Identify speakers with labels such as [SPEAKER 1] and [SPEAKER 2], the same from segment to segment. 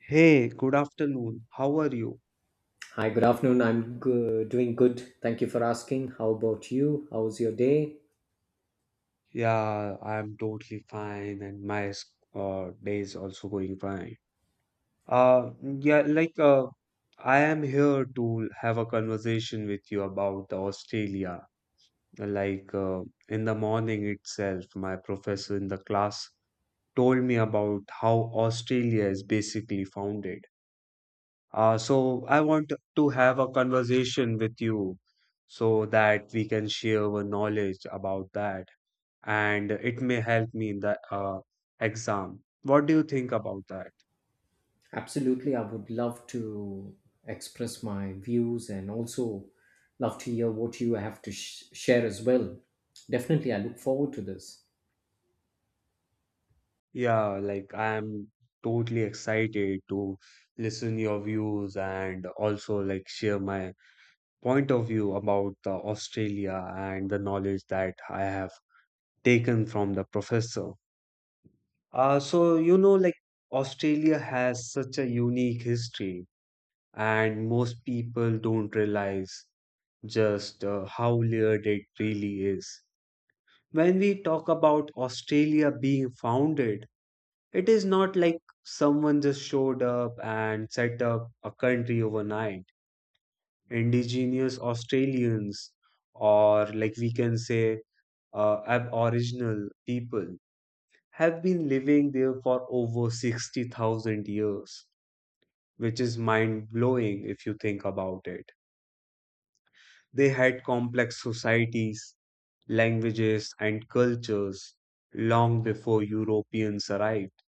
[SPEAKER 1] Hey, good afternoon. How are you?
[SPEAKER 2] Hi, good afternoon. I'm doing good. Thank you for asking. How about you? How was your day?
[SPEAKER 1] Yeah, I'm totally fine, and my day is also going fine. Uh, yeah, like I am here to have a conversation with you about Australia. Like in the morning itself, my professor in the class told me about how Australia is basically founded. So I want to have a conversation with you so that we can share our knowledge about that. And it may help me in the exam. What do you think about that?
[SPEAKER 2] Absolutely. I would love to express my views and also love to hear what you have to share as well. Definitely, I look forward to this.
[SPEAKER 1] Yeah, like I am totally excited to listen your views and also like share my point of view about the Australia and the knowledge that I have taken from the professor. So like Australia has such a unique history, and most people don't realize just how layered it really is. When we talk about Australia being founded, it is not like someone just showed up and set up a country overnight. Indigenous Australians, or like we can say, Aboriginal people, have been living there for over 60,000 years, which is mind blowing if you think about it. They had complex societies, languages, and cultures long before Europeans arrived.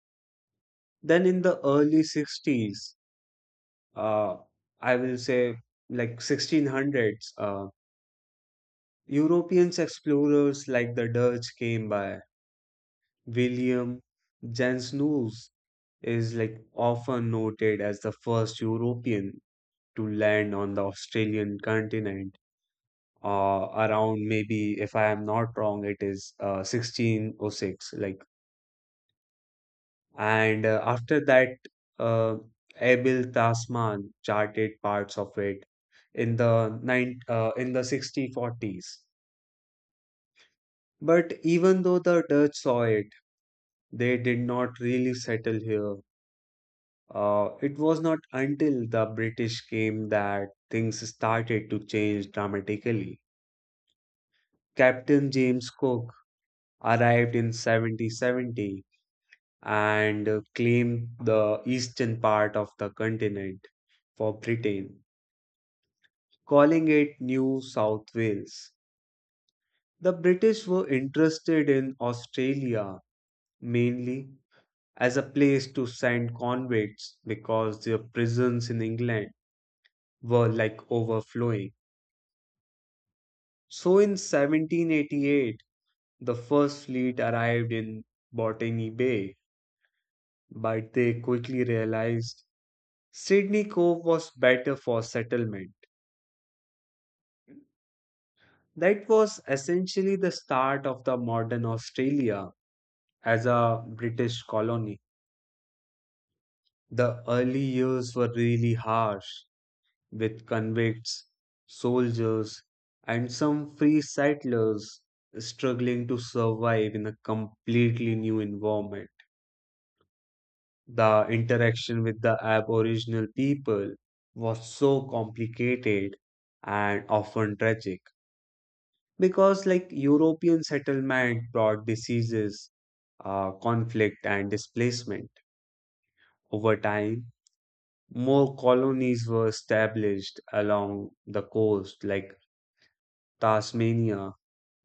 [SPEAKER 1] Then in the early 60s, uh, I will say like 1600s, Europeans explorers like the Dutch came by. William Jansenius is like often noted as the first European to land on the Australian continent. Around maybe, if I am not wrong, it is 1606. Like. And after that, uh, Abil Tasman charted parts of it in the 1640s. But even though the Dutch saw it, they did not really settle here. It was not until the British came that things started to change dramatically. Captain James Cook arrived in 1770 and claimed the eastern part of the continent for Britain, calling it New South Wales. The British were interested in Australia mainly as a place to send convicts because their prisons in England were like overflowing. So in 1788, the first fleet arrived in Botany Bay, but they quickly realized Sydney Cove was better for settlement. That was essentially the start of the modern Australia as a British colony. The early years were really harsh, with convicts, soldiers, and some free settlers struggling to survive in a completely new environment. The interaction with the Aboriginal people was so complicated and often tragic because, like, European settlement brought diseases, conflict, and displacement over time. More colonies were established along the coast, like Tasmania,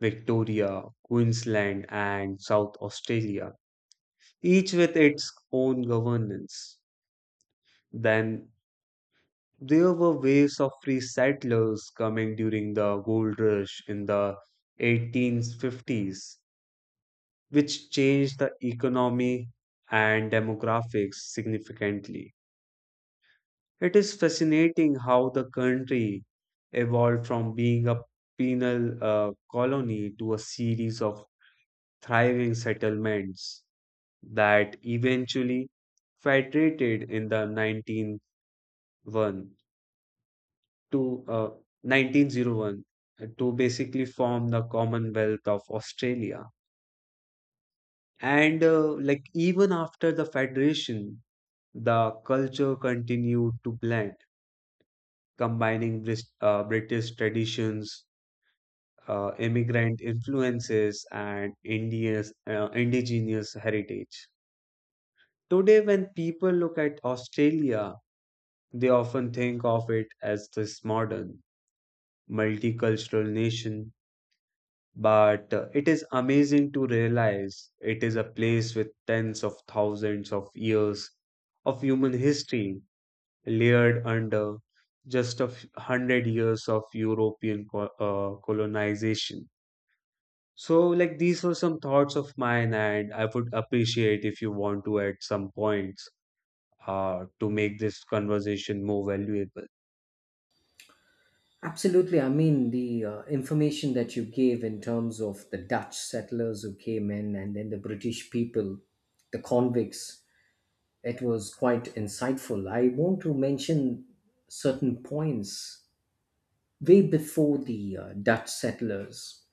[SPEAKER 1] Victoria, Queensland, and South Australia, each with its own governance. Then there were waves of free settlers coming during the gold rush in the 1850s, which changed the economy and demographics significantly. It is fascinating how the country evolved from being a penal colony to a series of thriving settlements that eventually federated in the 1901 to uh, 1901 uh, to basically form the Commonwealth of Australia. And like even after the federation, the culture continued to blend, combining British traditions, immigrant influences, and India's indigenous heritage. Today, when people look at Australia, they often think of it as this modern, multicultural nation. But it is amazing to realize it is a place with tens of thousands of years of human history layered under just a hundred years of European colonization. So, like, these were some thoughts of mine, and I would appreciate if you want to add some points to make this conversation more valuable.
[SPEAKER 2] Absolutely. I mean, the information that you gave in terms of the Dutch settlers who came in and then the British people, the convicts, it was quite insightful. I want to mention certain points way before the Dutch settlers.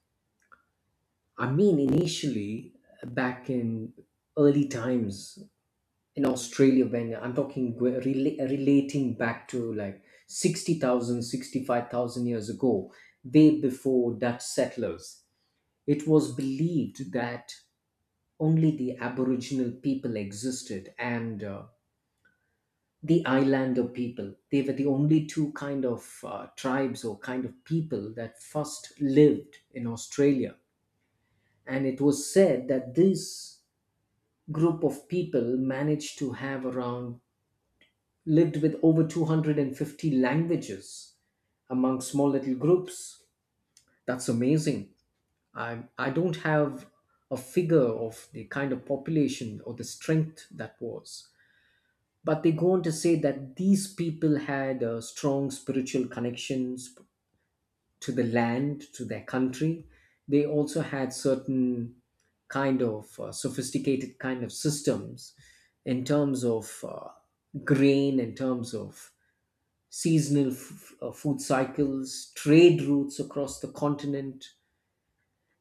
[SPEAKER 2] I mean, initially, back in early times in Australia, when I'm talking relating back to like 60,000, 65,000 years ago, way before Dutch settlers, it was believed that only the Aboriginal people existed, and the Islander people. They were the only two kind of tribes or kind of people that first lived in Australia, and it was said that this group of people managed to have around lived with over 250 languages among small little groups. That's amazing. I don't have a figure of the kind of population or the strength that was, but they go on to say that these people had strong spiritual connections to the land, to their country. They also had certain kind of sophisticated kind of systems in terms of grain, in terms of seasonal food cycles, trade routes across the continent,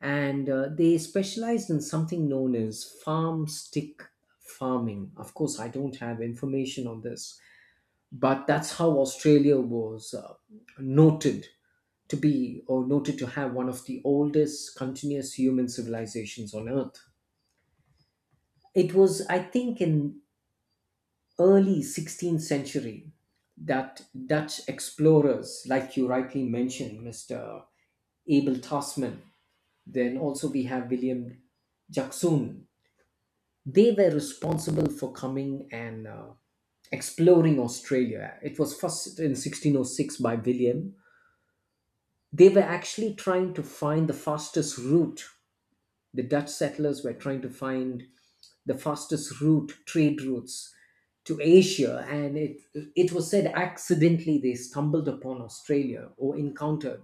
[SPEAKER 2] and they specialized in something known as farm stick farming. Of course, I don't have information on this, but that's how Australia was noted to be, or noted to have, one of the oldest continuous human civilizations on earth. It was, I think, in early 16th century that Dutch explorers, like you rightly mentioned, Mr. Abel Tasman, then also we have William Jackson, they were responsible for coming and exploring Australia. It was first in 1606 by William. They were actually trying to find the fastest route. The Dutch settlers were trying to find the fastest route, trade routes to Asia, and it was said accidentally they stumbled upon Australia or encountered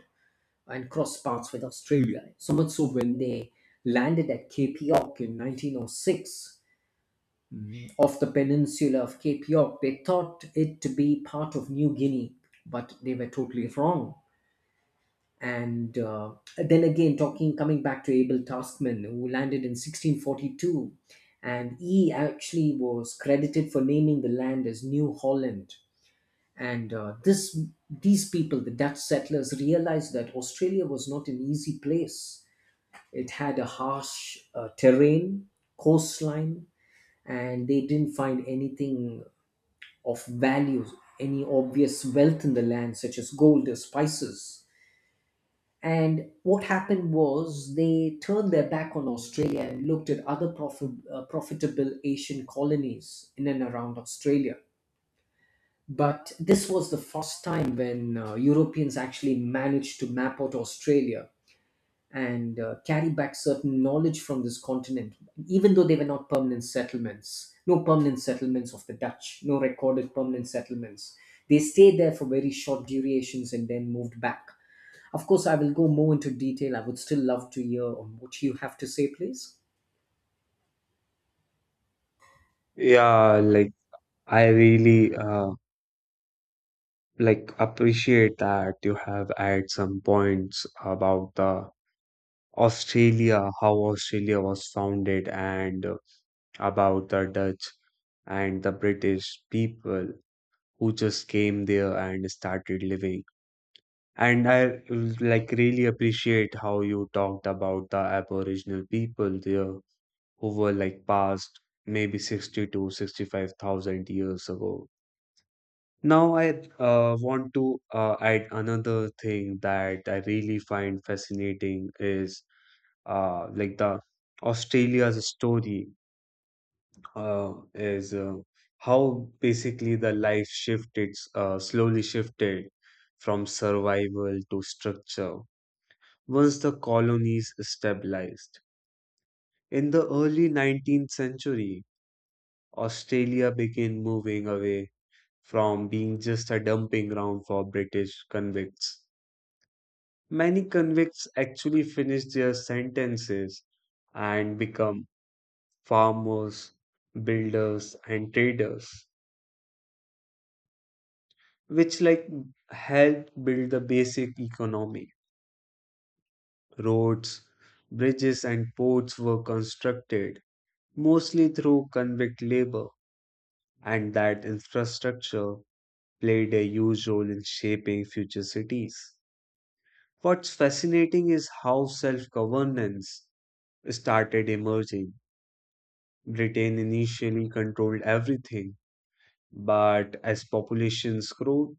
[SPEAKER 2] and crossed paths with Australia. So much so when they landed at Cape York in 1906, off the peninsula of Cape York, they thought it to be part of New Guinea, but they were totally wrong. And then again, talking, coming back to Abel Tasman, who landed in 1642, and he actually was credited for naming the land as New Holland. And this these people, the Dutch settlers, realized that Australia was not an easy place. It had a harsh terrain, coastline, and they didn't find anything of value, any obvious wealth in the land such as gold or spices. And what happened was they turned their back on Australia and looked at other profitable Asian colonies in and around Australia. But this was the first time when Europeans actually managed to map out Australia, and carry back certain knowledge from this continent, even though they were not permanent settlements. No permanent settlements of the Dutch, no recorded permanent settlements. They stayed there for very short durations and then moved back. Of course, I will go more into detail. I would still love to hear on what you have to say, please.
[SPEAKER 1] Yeah, like, I really like appreciate that you have added some points about the Australia, how Australia was founded, and about the Dutch and the British people who just came there and started living. And I like really appreciate how you talked about the Aboriginal people there who were like past maybe 60 to 65,000 years ago. Now I want to add another thing that I really find fascinating is like the Australia's story is how basically the life shifted slowly shifted from survival to structure once the colonies stabilized. In the early 19th century, Australia began moving away from being just a dumping ground for British convicts. Many convicts actually finished their sentences and become farmers, builders, and traders, which like helped build the basic economy. Roads, bridges, and ports were constructed mostly through convict labor. And that infrastructure played a huge role in shaping future cities. What's fascinating is how self governance started emerging. Britain initially controlled everything, but as populations grew,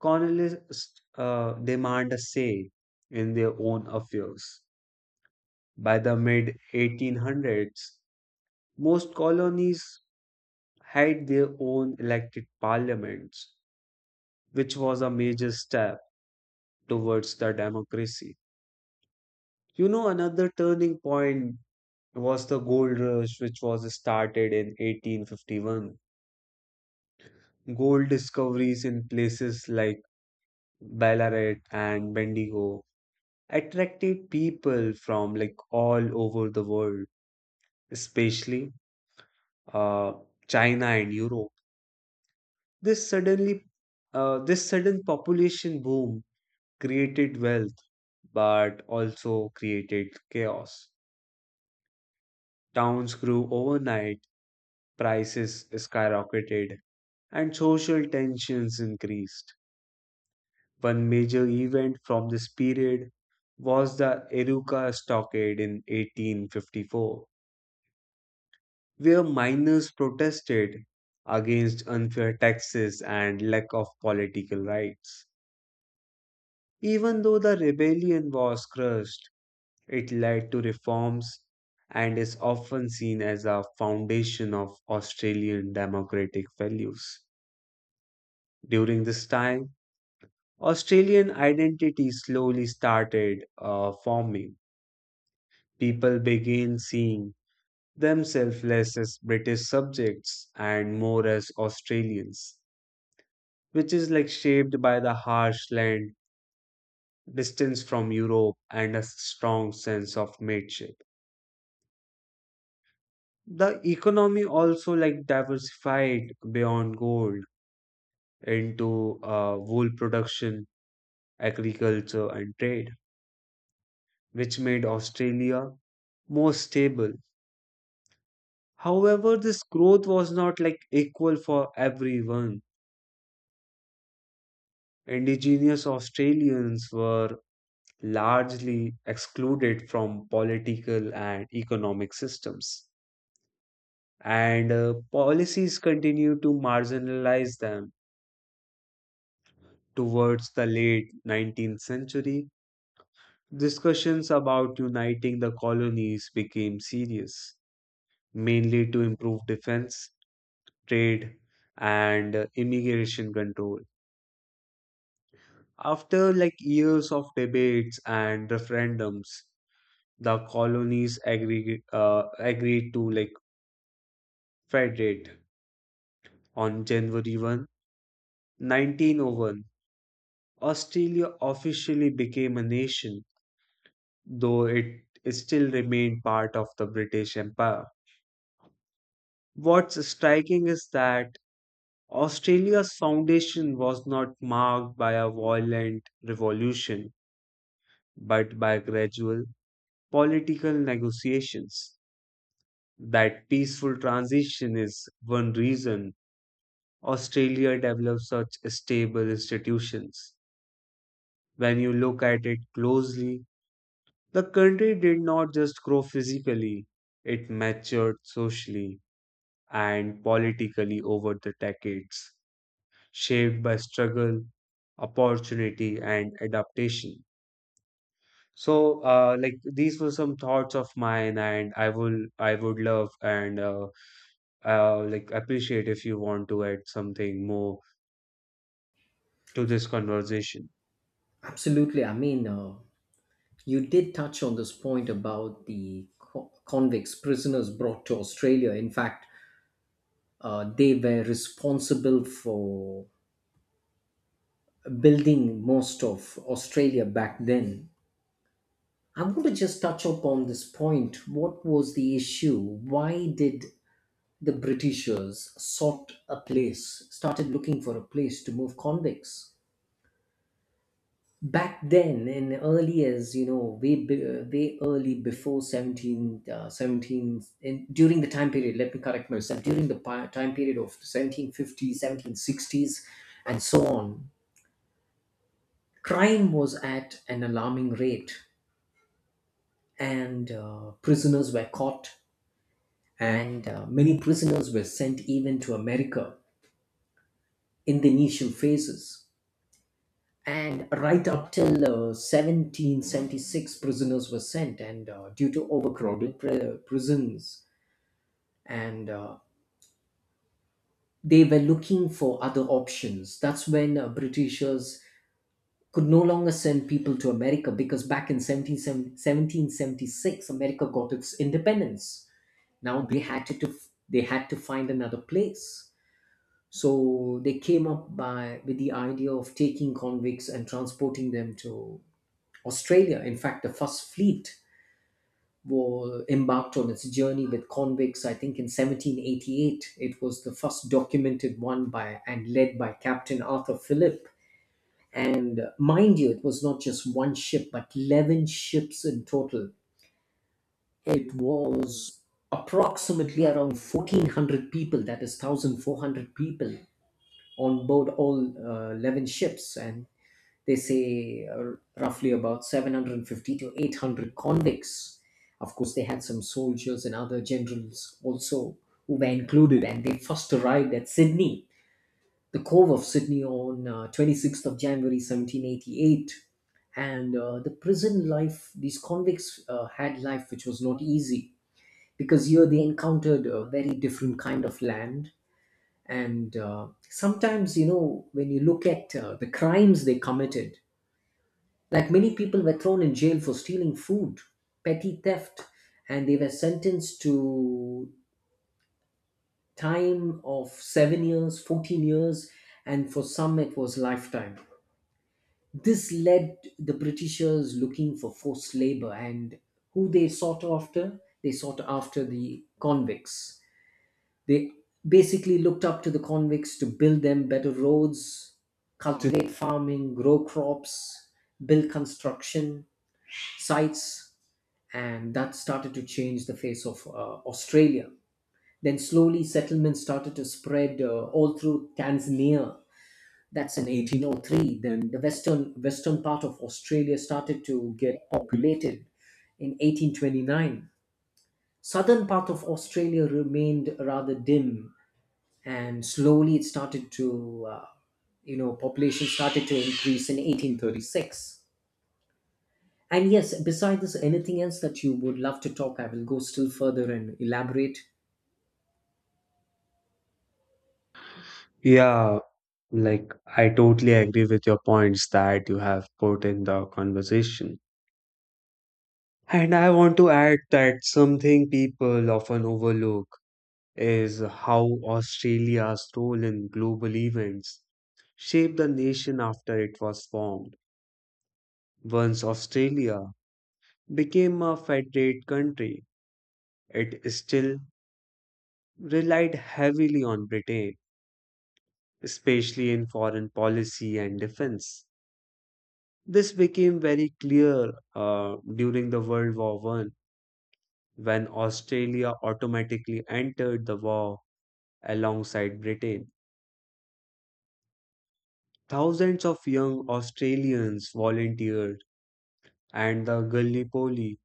[SPEAKER 1] colonists demand a say in their own affairs. By the mid 1800s, most colonies had their own elected parliaments, which was a major step towards the democracy. You know, another turning point was the gold rush, which was started in 1851. Gold discoveries in places like Ballarat and Bendigo attracted people from like all over the world, especially uh, China and Europe. This suddenly, this sudden population boom created wealth, but also created chaos. Towns grew overnight. Prices skyrocketed, and social tensions increased. One major event from this period was the Eruca Stockade in 1854, where miners protested against unfair taxes and lack of political rights. Even though the rebellion was crushed, it led to reforms and is often seen as a foundation of Australian democratic values. During this time, Australian identity slowly started forming. People began seeing themselves less as British subjects and more as Australians, which is like shaped by the harsh land, distance from Europe, and a strong sense of mateship. The economy also like diversified beyond gold into wool production, agriculture, and trade, which made Australia more stable. However, this growth was not like equal for everyone. Indigenous Australians were largely excluded from political and economic systems, and policies continued to marginalize them. Towards the late 19th century, discussions about uniting the colonies became serious, mainly to improve defense, trade, and immigration control. After like years of debates and referendums, the colonies agreed to like federate. On January 1st, nineteen oh 1, 1901, Australia officially became a nation, though it still remained part of the British Empire. What's striking is that Australia's foundation was not marked by a violent revolution, but by gradual political negotiations. That peaceful transition is one reason Australia developed such stable institutions. When you look at it closely, the country did not just grow physically, it matured socially and politically over the decades, shaped by struggle, opportunity, and adaptation. So, like these were some thoughts of mine, and I would love and like appreciate if you want to add something more to this conversation.
[SPEAKER 2] Absolutely. I mean, you did touch on this point about the convicts, prisoners brought to Australia. In fact, they were responsible for building most of Australia back then. I want to just touch upon this point. What was the issue? Why did the Britishers sought a place, started looking for a place to move convicts? Back then, in early, as you know, way early before 17, 17 in, during the time period, let me correct myself, during the time period of 1750s, 1760s, and so on, crime was at an alarming rate, and prisoners were caught, and many prisoners were sent even to America in the initial phases, and right up till 1776, prisoners were sent, and due to overcrowded prisons, and they were looking for other options. That's when Britishers could no longer send people to America, because back in 17, 1776, America got its independence. Now they had to find another place. So they came up by with the idea of taking convicts and transporting them to Australia. In fact, the first fleet was embarked on its journey with convicts, I think, in 1788. It was the first documented one by and led by Captain Arthur Phillip. And mind you, it was not just one ship, but 11 ships in total. It was approximately around 1,400 people, that is 1,400 people on board all 11 ships. And they say, roughly about 750 to 800 convicts. Of course, they had some soldiers and other generals also who were included, and they first arrived at Sydney, the Cove of Sydney, on 26th of January 1788. And the prison life, these convicts had life which was not easy, because here they encountered a very different kind of land, and sometimes, you know, when you look at the crimes they committed, like many people were thrown in jail for stealing food, petty theft, and they were sentenced to time of 7 years, 14 years, and for some it was lifetime. This led the Britishers looking for forced labor. And who they sought after? They sought after the convicts. They basically looked up to the convicts to build them better roads, cultivate farming, grow crops, build construction sites, and that started to change the face of Australia. Then slowly settlements started to spread all through Tanzania. That's in 1803. Then the western part of Australia started to get populated in 1829. Southern part of Australia remained rather dim, and slowly it started to, you know, population started to increase in 1836. And yes, beside this, anything else that you would love to talk, I will go still further and elaborate.
[SPEAKER 1] Yeah, like I totally agree with your points that you have put in the conversation. And I want to add that something people often overlook is how Australia's role in global events shaped the nation after it was formed. Once Australia became a federate country, it still relied heavily on Britain, especially in foreign policy and defense. This became very clear during the World War I, when Australia automatically entered the war alongside Britain. Thousands of young Australians volunteered, and the Gallipoli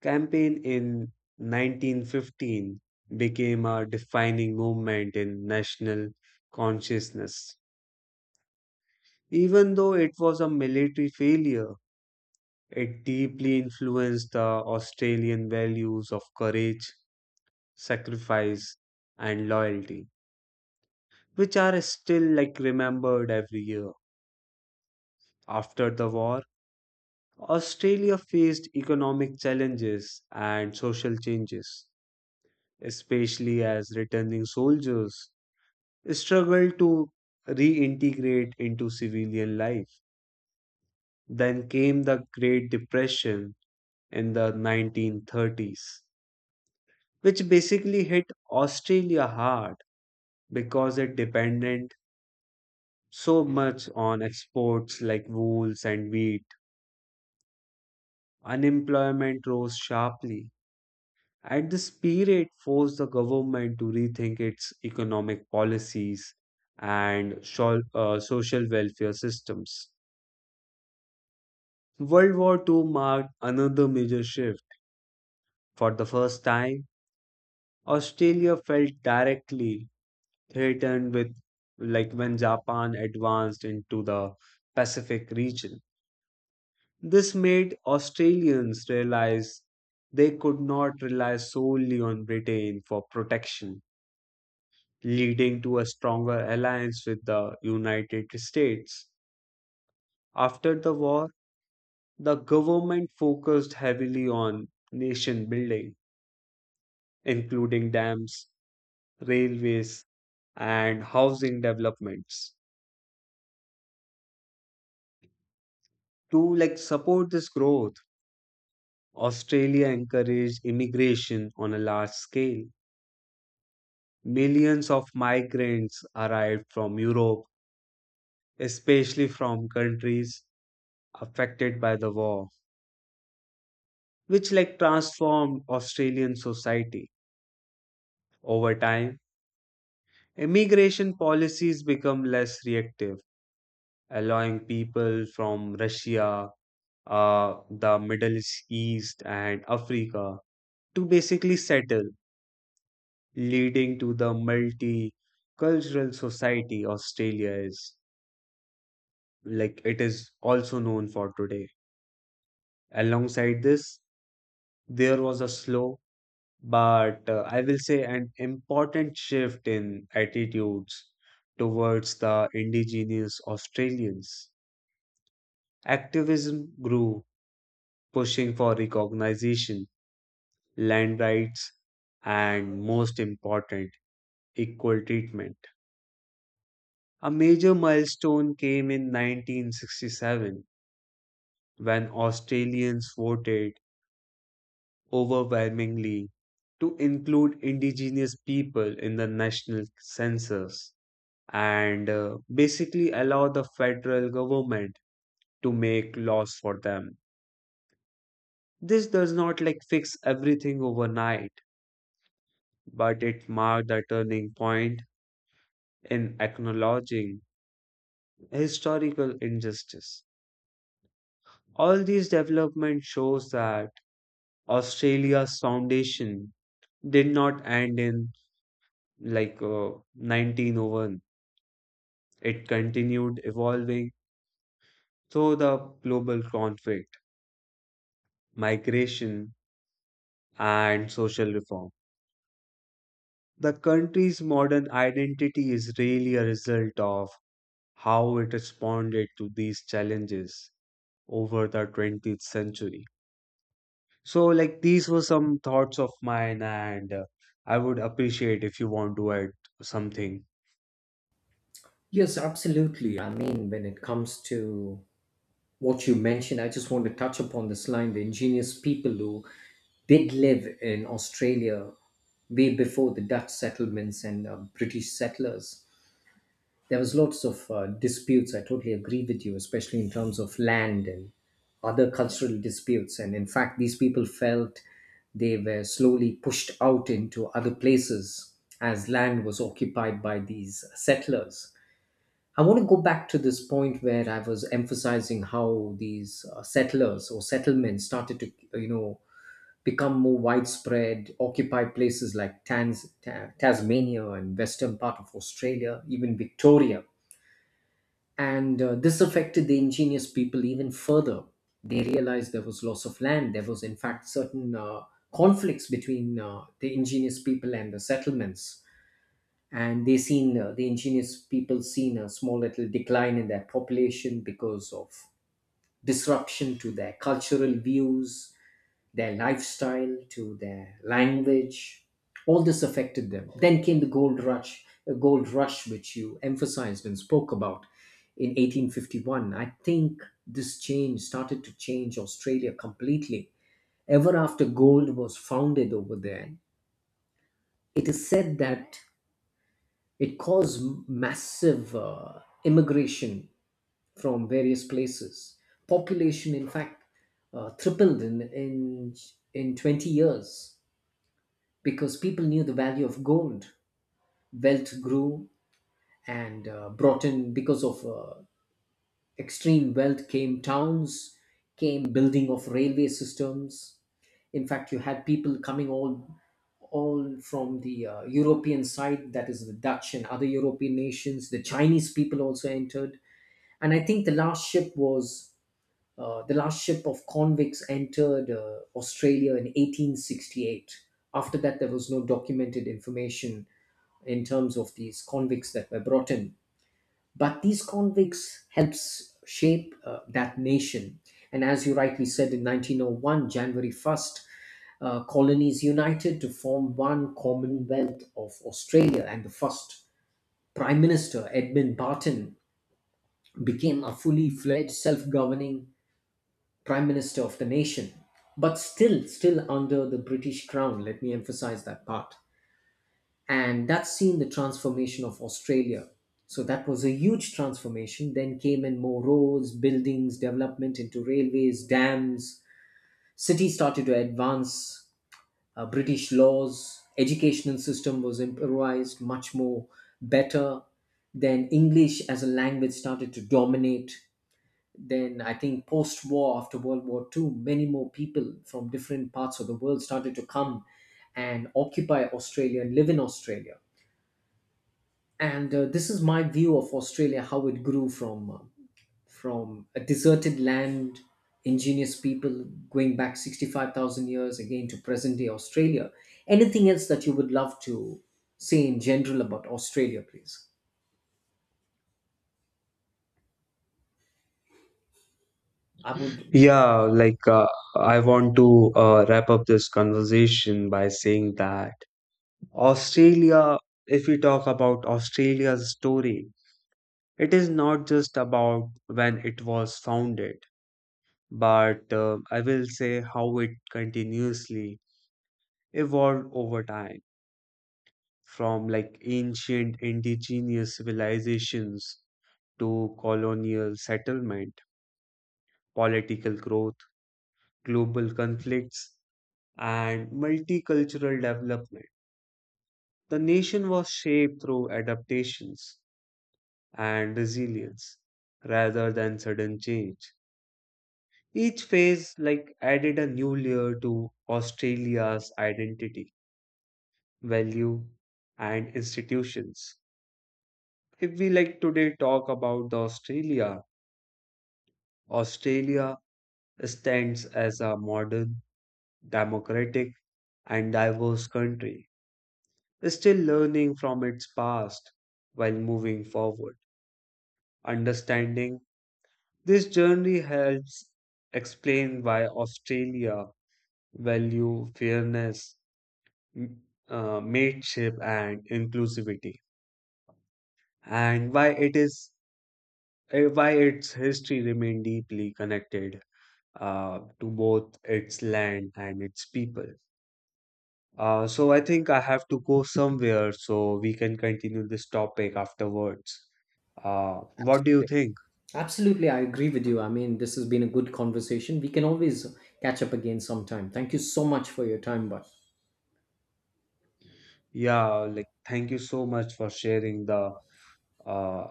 [SPEAKER 1] campaign in 1915 became a defining movement in national consciousness. Even though it was a military failure, it deeply influenced the Australian values of courage, sacrifice, and loyalty, which are still like remembered every year. After the war, Australia faced economic challenges and social changes, especially as returning soldiers struggled to reintegrate into civilian life. Then came the Great Depression in the 1930s, which basically hit Australia hard because it depended so much on exports like wools and wheat. Unemployment rose sharply. At this period, forced the government to rethink its economic policies and social welfare systems. World War II marked another major shift. For the first time, Australia felt directly threatened with, like when Japan advanced into the Pacific region. This made Australians realize they could not rely solely on Britain for protection, leading to a stronger alliance with the United States. After the war, the government focused heavily on nation building, including dams, railways, and housing developments. To like support this growth, Australia encouraged immigration on a large scale. Millions of migrants arrived from Europe, especially from countries affected by the war, which like transformed Australian society. Over time, immigration policies become less reactive, allowing people from Russia, the Middle East, and Africa to basically settle, leading to the multicultural society Australia is like it is also known for today. Alongside this, there was a slow but I will say an important shift in attitudes towards the indigenous Australians. Activism grew, pushing for recognition, land rights, and most important, equal treatment. A major milestone came in 1967 when Australians voted overwhelmingly to include indigenous people in the national census and basically allow the federal government to make laws for them. This does not like fix everything overnight, but it marked a turning point in acknowledging historical injustice. All these development shows that Australia's foundation did not end in like uh, 1901. It continued evolving through the global conflict, migration, and social reform. The country's modern identity is really a result of how it responded to these challenges over the 20th century. So, like, these were some thoughts of mine, and I would appreciate if you want to add something.
[SPEAKER 2] Yes, absolutely. I mean, when it comes to what you mentioned, I just want to touch upon this line, the ingenious people who did live in Australia way before the Dutch settlements and British settlers. There was lots of disputes. I totally agree with you, especially in terms of land and other cultural disputes. And in fact, these people felt they were slowly pushed out into other places as land was occupied by these settlers. I want to go back to this point where I was emphasizing how these settlers or settlements started to, you know, become more widespread, occupy places like Tasmania and western part of Australia, even Victoria, and this affected the ingenious people even further. They realized there was loss of land. There was, in fact, certain conflicts between the ingenious people and the settlements, and they seen, the ingenious people seen a small little decline in their population because of disruption to their cultural views, their lifestyle, to their language. All this affected them. Then came the gold rush, a gold rush which you emphasized and spoke about in 1851. I think this change started to change Australia completely. Ever after gold was founded over there, it is said that it caused massive immigration from various places. Population, in fact, tripled in 20 years, because people knew the value of gold. Wealth grew, and brought in, because of extreme wealth, came towns, came building of railway systems. In fact, you had people coming all from the European side, that is the Dutch and other European nations. The Chinese people also entered, and I think the last ship was. The last ship of convicts entered Australia in 1868. After that, there was no documented information in terms of these convicts that were brought in. But these convicts helps shape that nation. And as you rightly said, in 1901, January 1st, colonies united to form one Commonwealth of Australia, and the first Prime Minister, Edmund Barton, became a fully fledged self governing Prime Minister of the nation. But still under the British Crown, let me emphasize that part. And that's seen the transformation of Australia. So that was a huge transformation. Then came in more roads, buildings, development into railways, dams. Cities started to advance. British laws, educational system was improvised much more better. Then English as a language started to dominate. Then I think post war, after World War II, many more people from different parts of the world started to come and occupy Australia and live in Australia. And this is my view of Australia, how it grew from a deserted land, ingenious people, going back 65,000 years, again to present day Australia. Anything else that you would love to say in general about Australia, please? I would.
[SPEAKER 1] Yeah, like I want to wrap up this conversation by saying that Australia, if we talk about Australia's story, it is not just about when it was founded, but I will say how it continuously evolved over time from like ancient indigenous civilizations to colonial settlement, political growth, global conflicts, and multicultural development. The nation was shaped through adaptations and resilience rather than sudden change. Each phase like added a new layer to Australia's identity, value, and institutions. If we like today talk about the Australia, Australia stands as a modern, democratic, and diverse country, still learning from its past while moving forward. Understanding. This journey helps explain why Australia value fairness, m- mateship, and inclusivity, and why it is why its history remain deeply connected to both its land and its people. So I think I have to go somewhere so we can continue this topic afterwards. What do you
[SPEAKER 2] Absolutely.
[SPEAKER 1] think?
[SPEAKER 2] Absolutely, I agree with you. I mean, this has been a good conversation. We can always catch up again sometime. Thank you so much for your time, but
[SPEAKER 1] Yeah, like thank you so much for sharing the uh,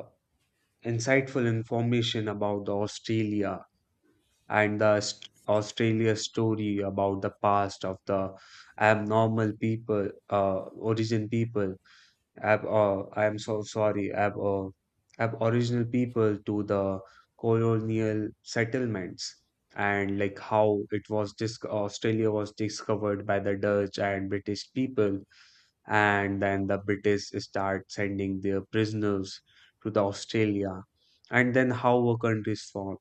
[SPEAKER 1] insightful information about the Australia and the Australia story about the past of the abnormal people, origin people. I am so sorry, aboriginal people to the colonial settlements and like how Australia was discovered by the Dutch and British people and then the British start sending their prisoners to the Australia, and then how a country is formed.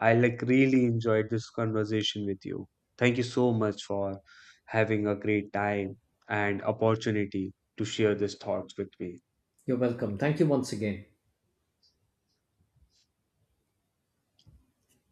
[SPEAKER 1] I like really enjoyed this conversation with you. Thank you so much for having a great time and opportunity to share these thoughts with me.
[SPEAKER 2] you're welcome. Thank you once again.